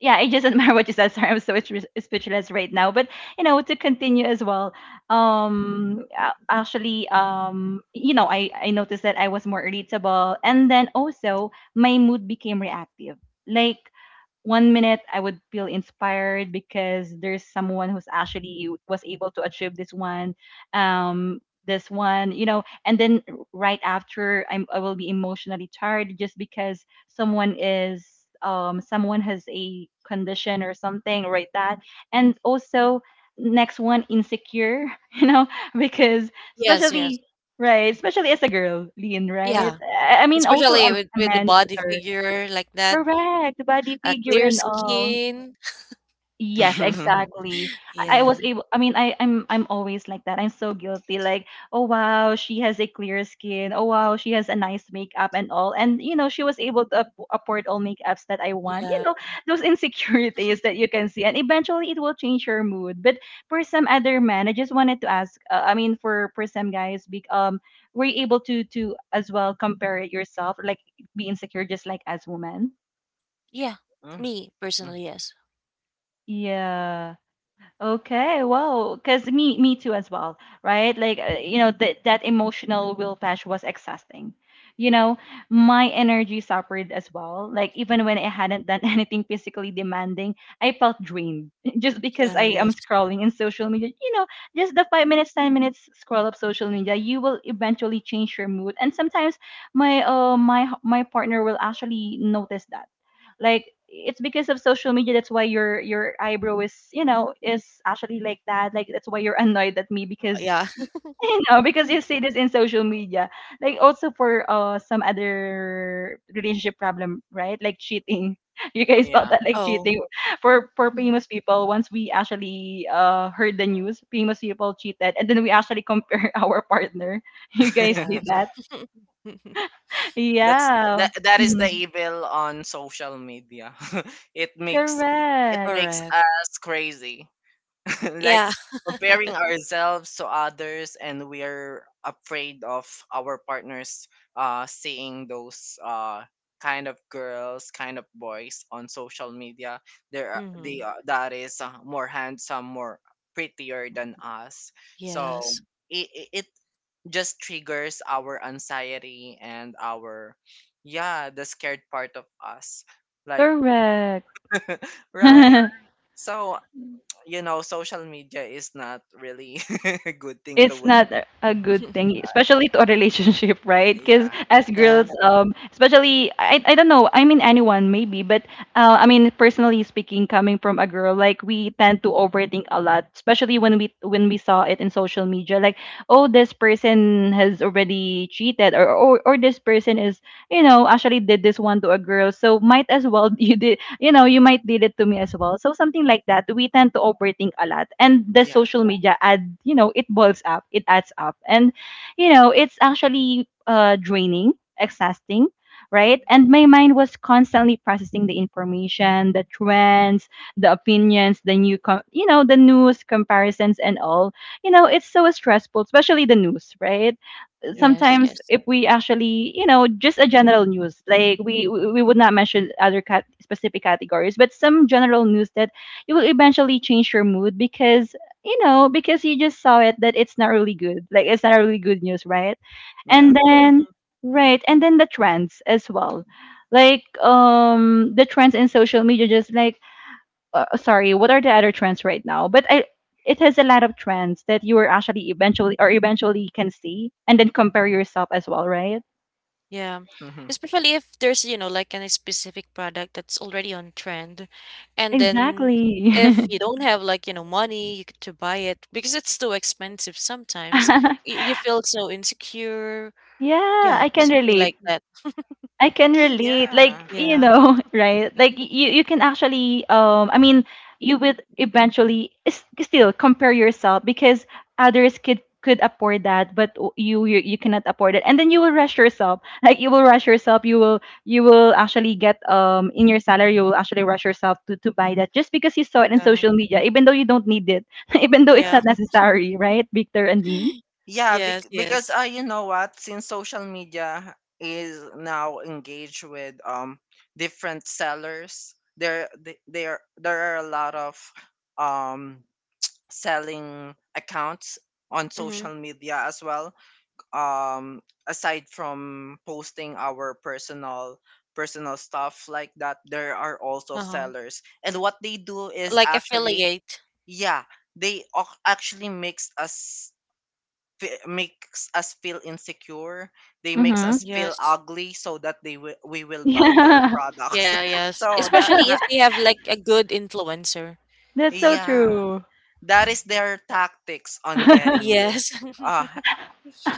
yeah, I just admire what you said. Sorry, I'm so speechless right now. But you know, to continue as well. Actually, you know, I noticed that I was more irritable, and then also my mood became reactive. Like 1 minute I would feel inspired because there's someone who's actually was able to achieve um, this one, you know, and then right after I will be emotionally tired just because someone is someone has a condition or something right that and also next one insecure you know because Yes, yes. especially right especially as a girl lean right Yeah. I mean also a, Especially with, a with the man body either figure like that, correct body a figure clear and all. skin. Yes, exactly. I Yeah. was able I mean I'm always like that. I'm so guilty like, "Oh wow, she has a clear skin. Oh wow, she has a nice makeup and all." And you know, she was able to afford all makeups that I want. You Yeah. know, those insecurities that you can see and eventually it will change your mood. But for some other men, I just wanted to ask I mean for some guys be, were you able to as well compare it yourself like be insecure just like as women? Yeah, Mm, me mm. personally, yes. Yeah. Okay, wow. Because me too as well, right? Like you know that that emotional whiplash was exhausting. You know, my energy suffered as well. Like even when I hadn't done anything physically demanding, I felt drained just because Yeah, I am yes. scrolling in social media. You know, just the 5 minutes, 10 minutes scroll up social media, you will eventually change your mood. And sometimes my partner will actually notice that like it's because of social media that's why your eyebrow is you know is actually like that like that's why you're annoyed at me because Yeah. y- you know because you see this in social media like also for some other relationship problem right like cheating you guys felt Yeah. that like Oh, cheating for famous people once we actually heard the news famous people cheated and then we actually compare our partner you guys did yes. that yeah. That is the Mhm. evil on social media. it makes it Correct. makes Correct. us crazy. Like, Yeah. comparing ourselves to others, and we are afraid of our partners seeing those kind of girls, kind of boys on social media. There are they Hmm. are That is, more handsome, more prettier than us. So Yes. it just triggers our anxiety and our, yeah, the scared part of us, like, Correct. right? So, you know, social media is not really a good thing to. It's not a good thing, especially to a relationship, right? Because Yeah, as Yeah. girls, especially I don't know, I mean anyone maybe, but I mean personally speaking, coming from a girl, like we tend to overthink a lot, especially when we saw it in social media, like oh this person has already cheated, or this person is you know actually did this one to a girl, so might as well you did you know, you might did it to me as well. So something like that. We tend to overthink a lot. And the yeah, social media ad, you know, it boils up, it adds up. And, you know, it's actually draining, exhausting. Right. Mhm. And my mind was constantly processing the information, the trends, the opinions, the you know, the news comparisons and all. You know, it's so stressful, especially the news, right? yeah, Yes, Sometimes yes. if we actually you know just a general news like we would not mention other specific categories but some general news that you will eventually change your mood because you know because you just saw it that it's not really good like it's not really good news yeah, and then right and then the trends as well like the trends in social media just like sorry, what are the other trends right now? It has a lot of trends that you are actually eventually can see and then compare yourself as well, right? Yeah. hmm, Especially if there's, like any specific product that's already on trend. And then Exactly. if you don't have, like, money you could to buy it, because it's too expensive sometimes, you feel so insecure. Yeah, Yeah, I can something relate. like that. I can relate. Like, yeah, you Yeah, know, right? Like you you can actually I mean, you would eventually still compare yourself because others could afford that but you, you cannot afford it and then you will rush yourself like you will rush yourself you will actually get in your salary you will actually rush yourself to buy that just because you saw it in yeah, social media even though you don't need it even though it's yeah, yeah. not necessary right victor and dean. yeah. Yes, Because yes. You know what? Since social media is now engaged with different sellers, there th- there are a lot of um selling accounts on Mm-hmm. social media as well, um aside from posting our personal stuff like that. There are also Uh-huh. sellers, and what they do is Like actually, affiliate. yeah, they actually makes us feel insecure. They makes Mm-hmm. us feel Yes. ugly so that they will we will buy their Yeah. products. Yeah, yes. So that Especially that, if they have like a good influencer. That's so yeah, true. that is Mhm. their tactics on getting you, Yes. uh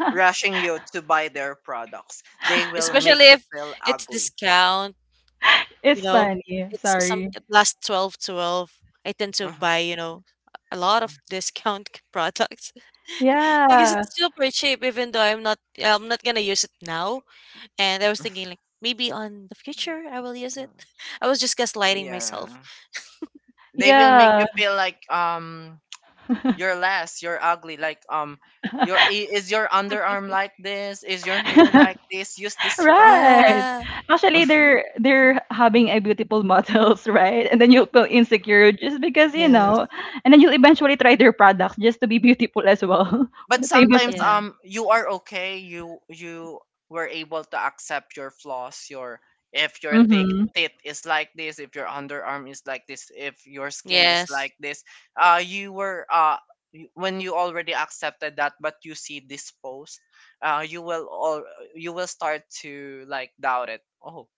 rushing you to buy their products. They will Especially make you if feel it's ugly. discount, you It's know, funny. it's some Sorry. it lasts 12 twelve. I tend to Uh-huh. buy, a lot of discount products, because Yeah. it's super cheap, even though I'm not, yeah, I'm not going to use it now, and I was thinking like maybe on the future I will use it. Mhm. I was just gaslighting myself. Yeah. They will make Yeah. you feel like, you're less, you're ugly, like, is your underarm like this? Is your hair like this? Use this product. Right. Yeah. Actually, they're having a beautiful models, right? And then you'll feel insecure just because, you Yeah. Yes. know, and then you'll eventually try their products just to be beautiful as well. But Same as sometimes, Yeah. You are okay. You were able to accept your flaws. Your If your thick mm-hmm. tit is like this, if your underarm is like this, if your skin is Yes. like this, you were, when you already accepted that, but you see this post, uh you will all you will start to, like, doubt it. Oh,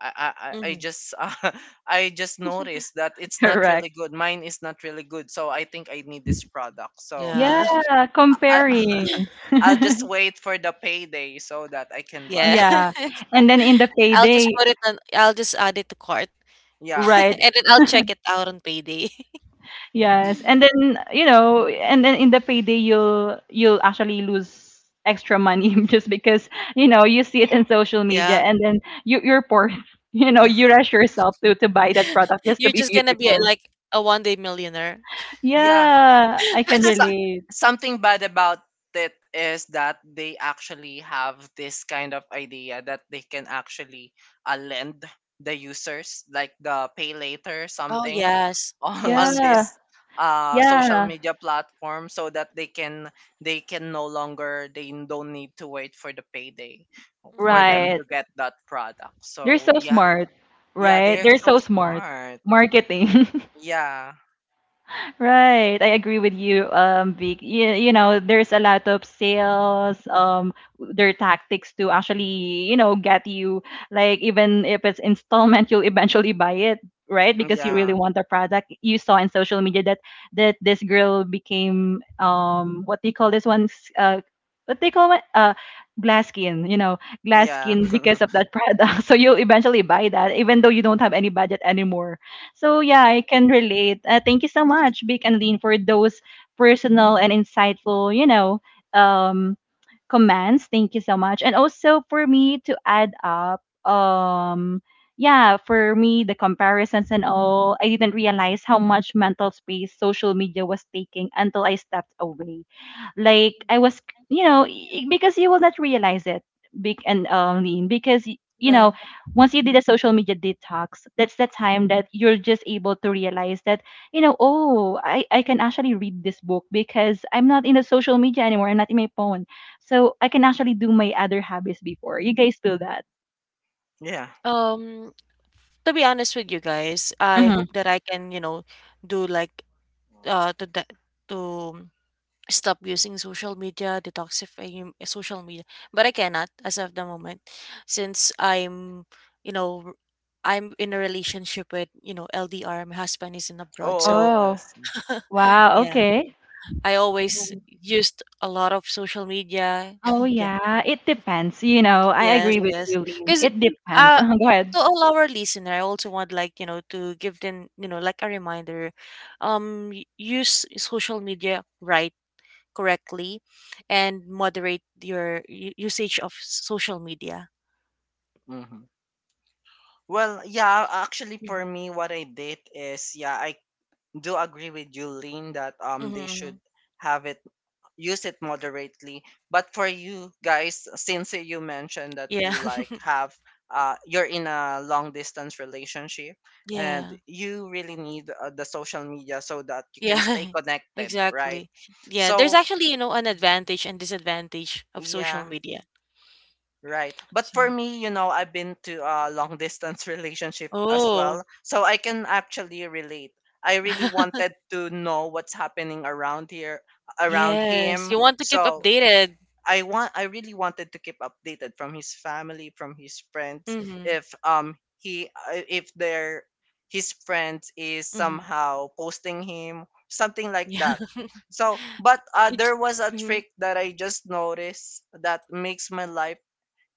I Mhm. just I just noticed that it's not Correct. really good. Mine is not really good, so I think I need this product. So Yeah. Yeah, comparing. I'll just wait for the payday so that I can buy Yeah. this. Yeah. And then in the payday, I'll just add it to cart. Yeah. right, And then I'll check it out on payday. yes, and then you know, and then in the payday you'll actually lose extra money just because you know you see it in social media, Yeah. and then you you're poor, you know, you rush yourself to buy that product just to You're be just gonna be, beautiful. like, a one day millionaire. Yeah. Yeah, I And can so, relate. something bad about it is that they actually have this kind of idea that they can actually lend the users, like, the pay later Oh, something yes. on, Yes, on yes. Yeah, this social yeah, media platform, so that they can no longer they don't need to wait for the payday for Mhm. them to right. get that product. They're So so yeah. smart, Yeah, right? they're They're so so smart. smart. Marketing. Yeah, Right. I agree with you, Vic. You know, there's a lot of sales, their tactics to actually, you know, get you like even if it's installment, you'll eventually buy it, right? Because you really yeah, want the product. You saw in social media that that this girl became what do you call this one? What they call it? Glass skin, you know, glass yeah, skin because of that product. So you'll eventually buy that, even though you don't have any budget anymore so yeah, Y- I can relate. Thank you so much, Vic and Lean, for those personal and insightful, you know, um, commands. Thank you so much. And also for me to add up, yeah, for me the comparisons and all, I didn't realize how much mental space social media was taking until I stepped away. Like I was, you know, because you will not realize it, big and lean, because you Yeah. know, once you did a social media detox, that's the time that you're just able to realize that you know, oh, I can actually read this book because I'm not in the social media anymore. I'm not in my phone. So I can actually do my other hobbies before. You guys do that? yeah. Um, to be honest with you guys, I Mm-hmm. hope that I can, do like, to that to stop using social media, detoxifying social media, but I cannot as of the moment, since you know, I'm in a relationship with, LDR. My husband is in abroad, so Oh, I Oh, see. wow. yeah, Okay. I always used a lot of social media. Oh, Yeah. yeah. It depends. You know, I Yes, agree with yes. you, Lynn. Because, It depends. uh, Go ahead. to all our listener, I also want, like, to give them, like a reminder, use social media right, correctly, and moderate your usage of social media. Hmm. Well, yeah, actually, for Mhm. me, what I did is, yeah, I do agree with you, Lynn, that, they Mm-hmm. should have it, use it moderately. But for you guys, since you mentioned that Yeah. you like have, you're in a long distance relationship and Yeah. you really need, the social media so that you can stay Yeah. connected, right? Exactly. Yeah, there's So actually, an advantage and disadvantage of social yeah, media. right. But for me, you know, I've been to a long distance relationship as Oh. well, so I can actually relate. I really wanted to know what's happening around here, around Yes, him. you want to keep So updated. I really wanted to keep updated from his family, from his friends, Mhm, if, he, if their his friends is mhm. somehow posting him something like Yeah. that. I So, but, it's there was a mhm. trick that I just noticed that makes my life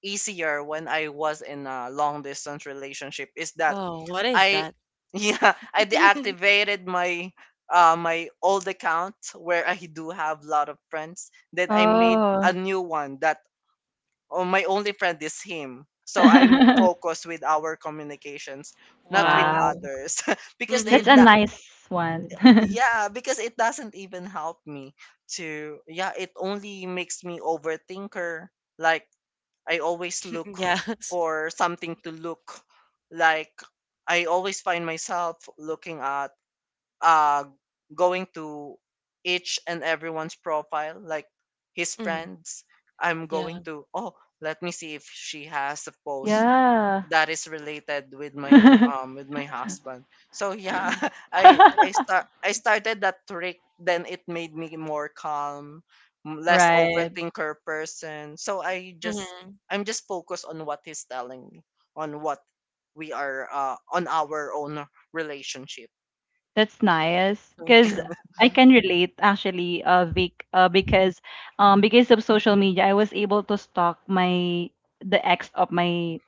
easier when I was in a long distance relationship, is that Oh, what is I that? yeah, I deactivated my old account where I do have a lot of friends. Then I made a Oh, new one that, oh, my only friend is him. So I'm focused with our communications, not with Wow. wow. others, because Mhm. it That's a that nice one. yeah, because it doesn't even help me to, yeah, it only makes me overthinker. Like, I always look Yes. for something to look, like, I always find myself looking at, uh going to each and everyone's profile, like, his Mhm. friends. I'm Yeah. going to, oh, let me see if she has a post Yeah. that is related with my, with my husband. So yeah, I started that trick. Then it made me more calm, less Right. overthinker person. So I just, Mhm. I'm just focused on what he's telling me, on what we are, on our own relationship. That's nice So because true. I Mhm. can relate actually, Vic, because of social media, I was able to stalk my the ex of my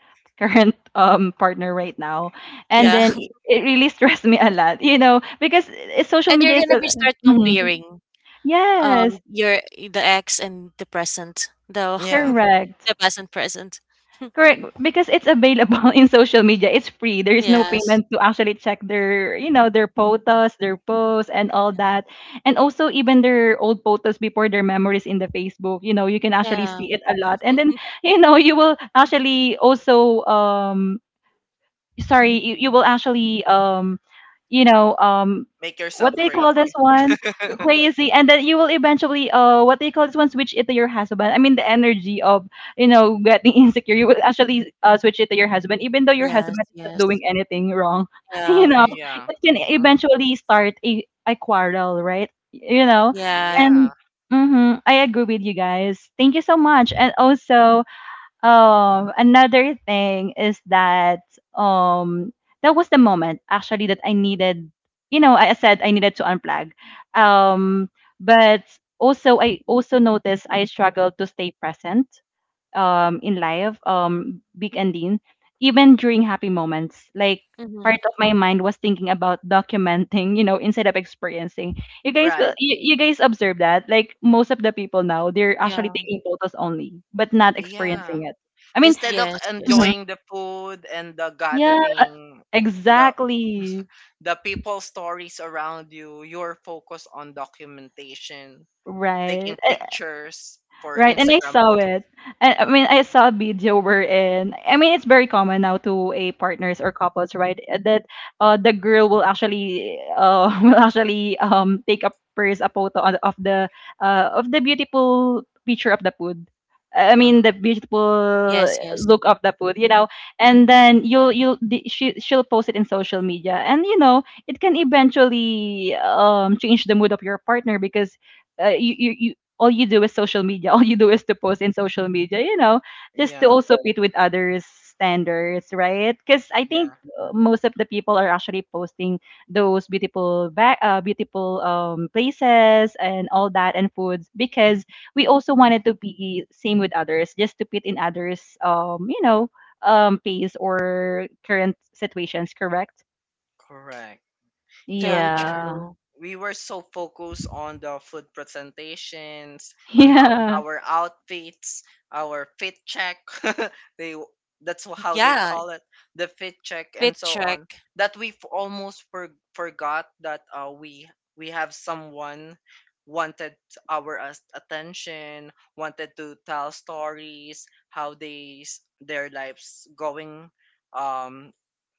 current partner right now, and Yeah. then it it really stressed me a lot, you know, because social And you're media is gonna be start Mhm. comparing, Yes, your the ex and the present, the Yeah, correct. the past and present. Correct, because it's available in social media. It's free. There is no Yes, payment to actually check their, you know, their photos, their posts, and all yes, that. And also even their old photos before their memories in the Facebook. You know, you can actually yeah. see it a lot. And then, you will actually also sorry you will actually you know um make yourself what they call this crazy. one crazy. And then you will eventually what they call this one, switch it to your husband. I mean, the energy of, getting insecure, you will actually switch it to your husband even though your Yes, husband is not doing yes. anything wrong, you Yeah, know Yeah. it can Mm. eventually start a quarrel, right? Yeah. And Yeah. hmm, I agree with you guys. Thank you so much. And also, another thing is that um that was the moment actually that I needed, I said I needed to unplug. Um, but also, I also noticed I struggled to stay present in life, Big and Dean, even during happy moments, like part Mhm. of my mind was thinking about documenting, instead of experiencing. You guys Right. will you guys observe that? Like, most of the people now, they're actually Yeah. taking photos only, but not Yeah. experiencing it. I mean, Instead of Yes, yes. mhm, enjoying the food and the yeah, gathering, the exactly. the people stories around you, your focus on documentation, Right. taking pictures for Right, and I Instagram saw posts. it. And I mean, I saw a video wherein, I mean, it's very common now to a partners or couples, right? That the girl will actually will actually take a photo of the beautiful picture of the food. I mean, Hmm. the beautiful Yes, yes. look of the food, you know. And then she'll post it in social media, and you know, it can eventually change the mood of your partner because you all you do is social media, all you do is to post in social media, just to Yeah, also fit with others standards, right? Because I think yeah, most of the people are actually posting those beautiful back beautiful places and all that, and foods because we also wanted to be same with others, just to fit in others, pace or current situations. Correct. correct. Yeah, So Yeah. true. we were so focused on the food presentations, on how Yeah. our outfits, our fit check, they, that's how they Yeah, call it, the fit check and fit so on, check. that we almost forgot that, we have someone wanted our, attention, wanted to tell stories, how they, their lives going, um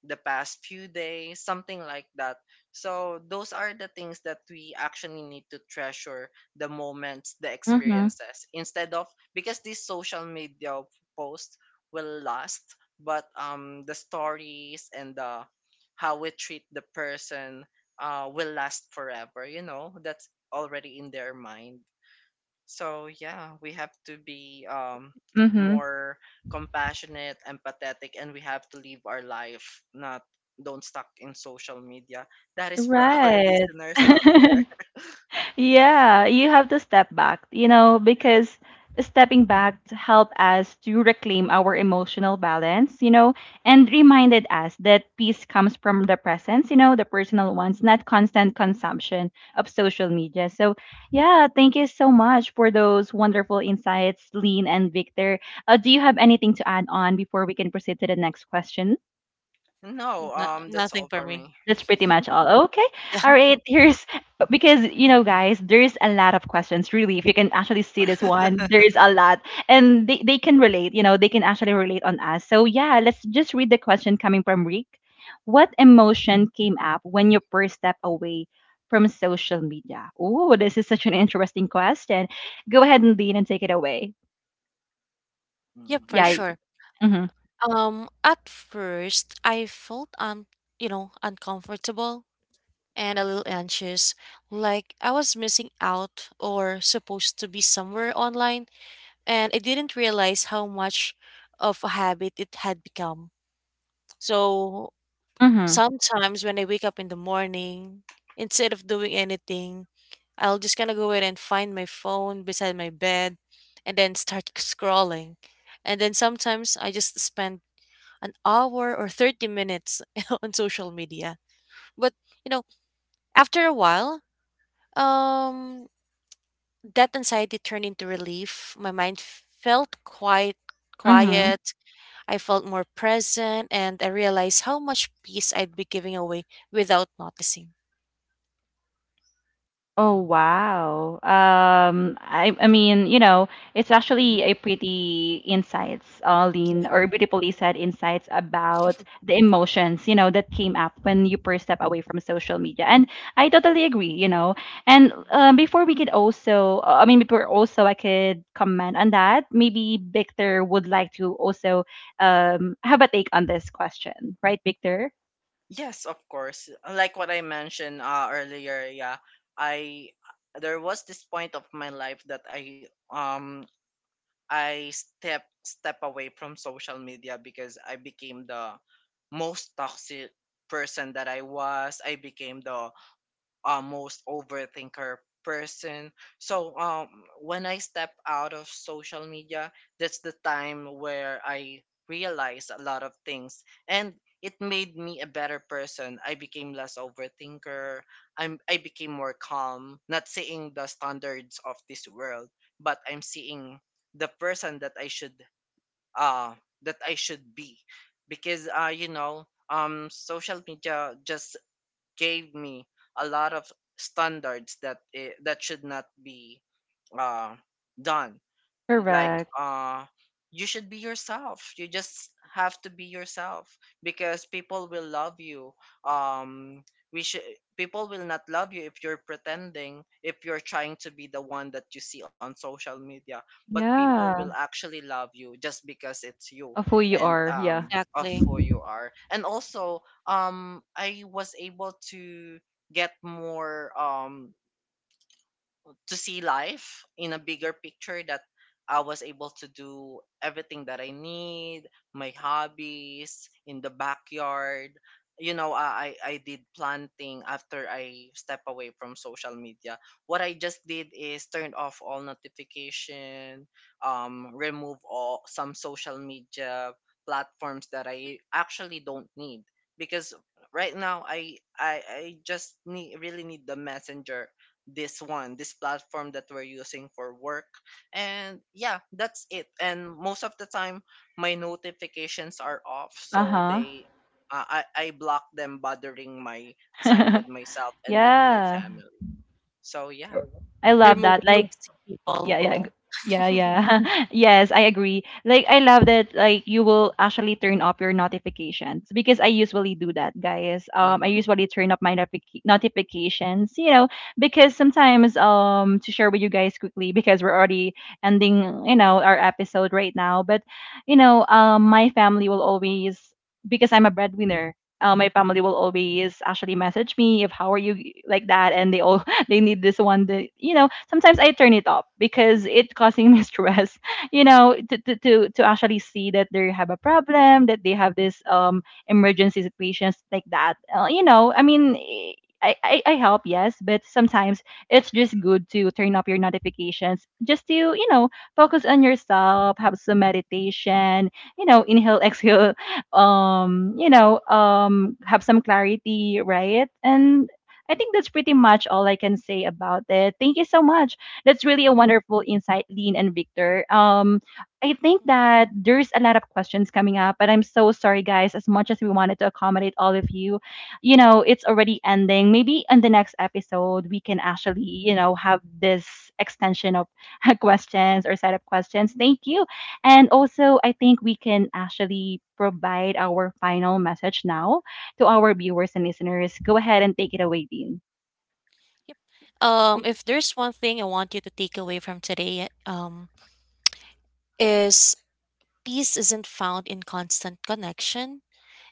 the past few days, something like that. So those are the things that we actually need to treasure, the moments, the Mm-hmm. experiences, instead of, because these social media posts will last, but, the stories and the, how we treat the person, will last forever, you know. That's already in their mind. So yeah, we have to be, Mm-hmm. more compassionate, empathetic, and we have to live our life, not, don't stuck in social media. That is for our Right. listeners out there. Yeah, you have to step back, you know, Yeah. because stepping back to help us to reclaim our emotional balance, you know, and reminded us that peace comes from the presence, you know, the personal ones, not constant consumption of social media. So, yeah, thank you so much for those wonderful insights, Lean and Victor. Do you have anything to add on before we can proceed to the next question? No, No, that's nothing all for for me. me. That's pretty much all. Okay. Yeah. All right. Here's because you know, guys, there's a lot of questions. Really, if you can actually see this one, there is a lot, and they can relate. You know, they can actually relate on us. So yeah, let's just read the question coming from Rick. What emotion came up when you first step away from social media? Oh, this is such an interesting question. Go ahead and lead and take it away. Mm. Yep, for Yeah. sure. Mm-hmm. At first I felt, uncomfortable and a little anxious, like I was missing out or supposed to be somewhere online, and I didn't realize how much of a habit it had become. So Mm-hmm. sometimes when I wake up in the morning, instead of doing anything, I'll just kind of go ahead and find my phone beside my bed and then start scrolling. And then sometimes I just spend an hour or 30 minutes on social media. But, you know, after a while, um that anxiety turned into relief. My mind felt quite Mm-hmm. quiet. I felt more present, and I realized how much peace I'd be giving away without noticing. Oh wow. I mean, you know, it's actually Mhm. a pretty insights, lean or Yeah, beautifully said insights about the emotions, you know, that came up when you first step away from social media. And I totally agree, you know. And before we could also I mean, before also I could comment on that, maybe Victor would like to also have a take on this question, right, Victor? Yes, of course. Like what I mentioned, earlier, yeah, I, there was this point of my life that I, I step away from social media because I became the most toxic person that I was. I became the, most overthinker person. So, when I step out of social media, that's the time where I realized a lot of things, and it made me a better person. I became less overthinker. I became more calm, not seeing the standards of this world, but I'm seeing the person that I should, uh that I should be, because, social media just gave me a lot of standards that I that should not be, uh, done, like, Correct. You should be yourself. You just have to be yourself because people will love you, um we should, people will not love you if you're pretending, if you're trying to be the one that you see on social media, but people will Yeah. actually love you just because it's you, Of who you and, are, yeah. Of exactly. who you are, and also, I was able to get more, to see life in a bigger picture, that I was able to do everything that I need, my hobbies in the backyard. You know, I did planting after I step away from social media. What I just did is turned off all notification, remove all some social media platforms that I actually don't need, because right now I just need, really need the messenger, this one, this platform that we're using for work. And yeah, that's it. And most of the time, my notifications are off, so Uh-huh. they, I block them bothering my time with myself and with my Yeah, Mhm. family. So yeah. I love Remove that. Like, agree. toxic people. yeah, yeah, g- yeah, yeah. Yes, I agree. Like, I love that. Like, you will actually turn off your notifications because I usually do that, guys. I Mhm. usually turn up my notifications, you know, because sometimes, to share with you guys quickly because we're already ending, you know, our episode right now. But, you know, my family will always because I'm a breadwinner. My family will always actually message me if how are you like that, and they all they need this one that you know sometimes I turn it off because it causing me stress, you know, to actually see that they have a problem, that they have this emergency situations like that, you know, I mean, I help, yes, but sometimes it's just good to turn up your notifications just to, you know, focus on yourself, have some meditation, you know, inhale exhale, you know, have some clarity, right? And I think that's pretty much all I can say about it. Thank you so much. That's really a wonderful insight, Lean and Victor. I think that there's a lot of questions coming up, but I'm so sorry, guys. As much as we wanted to accommodate all of you, you know, it's already ending. Maybe in the next episode, we can actually, you know, have this extension of questions or set of questions. Thank you. And also, I think we can actually provide our final message now to our viewers and listeners. Go ahead and take it away, Dean. Yep. If there's one thing I want you to take away from today, is peace isn't found in constant connection.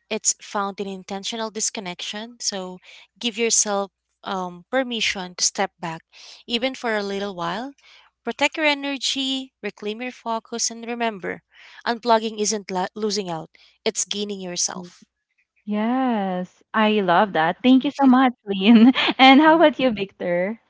It's found in intentional disconnection. So give yourself, permission to step back, even for a little while. Protect your energy, reclaim your focus, and remember, unplugging isn't losing out; it's gaining yourself. Yes, I love that. Thank you so much, Lean. And how Mhm. about you, Victor?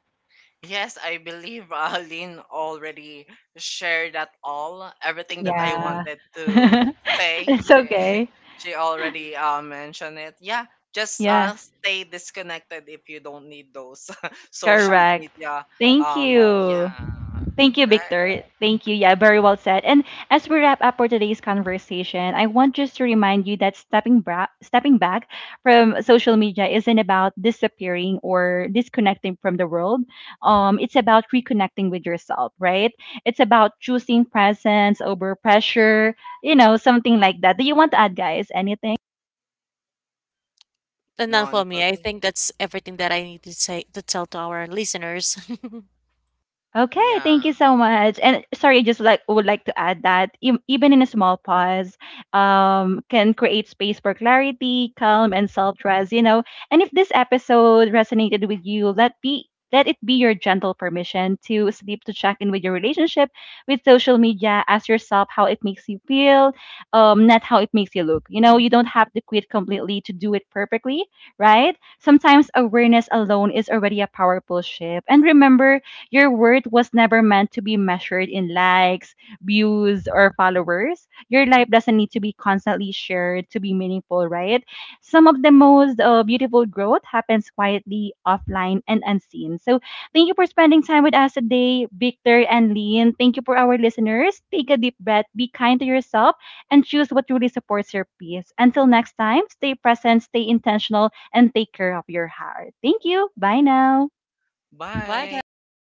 Yes, I believe, Lynn already shared that, all, everything that I Yeah, wanted to say. it's She, okay. she already, mentioned it. Yeah, just, Yeah, stay disconnected if you don't need those social correct. media. Thank Um, you. yeah, Thank you, right. Victor. Thank you. Yeah, very well said. And as we wrap up for today's conversation, I want just to remind you that stepping back from social media isn't about disappearing or disconnecting from the world. It's about reconnecting with yourself, right? It's about choosing presence over pressure. You know, something like that. Do you want to add, guys? Anything? Enough for None me. for I me. think that's everything that I need to say to tell to our listeners. Okay, thank you Yeah. so much. And sorry, just like would like to add that even in a small pause, can create space for clarity, calm, and self-trust. You know, and if this episode resonated with you, let it be your gentle permission to sleep to check in with your relationship with social media. Ask yourself how it makes you feel, not how it makes you look. You know, you don't have to quit completely to do it perfectly, right? Sometimes awareness alone is already a powerful shift. And remember, your worth was never meant to be measured in likes, views, or followers. Your life doesn't need to be constantly shared to be meaningful, right? Some of the most beautiful growth happens quietly, offline, and unseen. So thank you for spending time with us today, Victor and Lean. Thank you for our listeners. Take a deep breath, be kind to yourself, and choose what truly supports your peace. Until next time, stay present, stay intentional, and take care of your heart. Thank you. Bye now. Bye, Bye. guys. Thank you,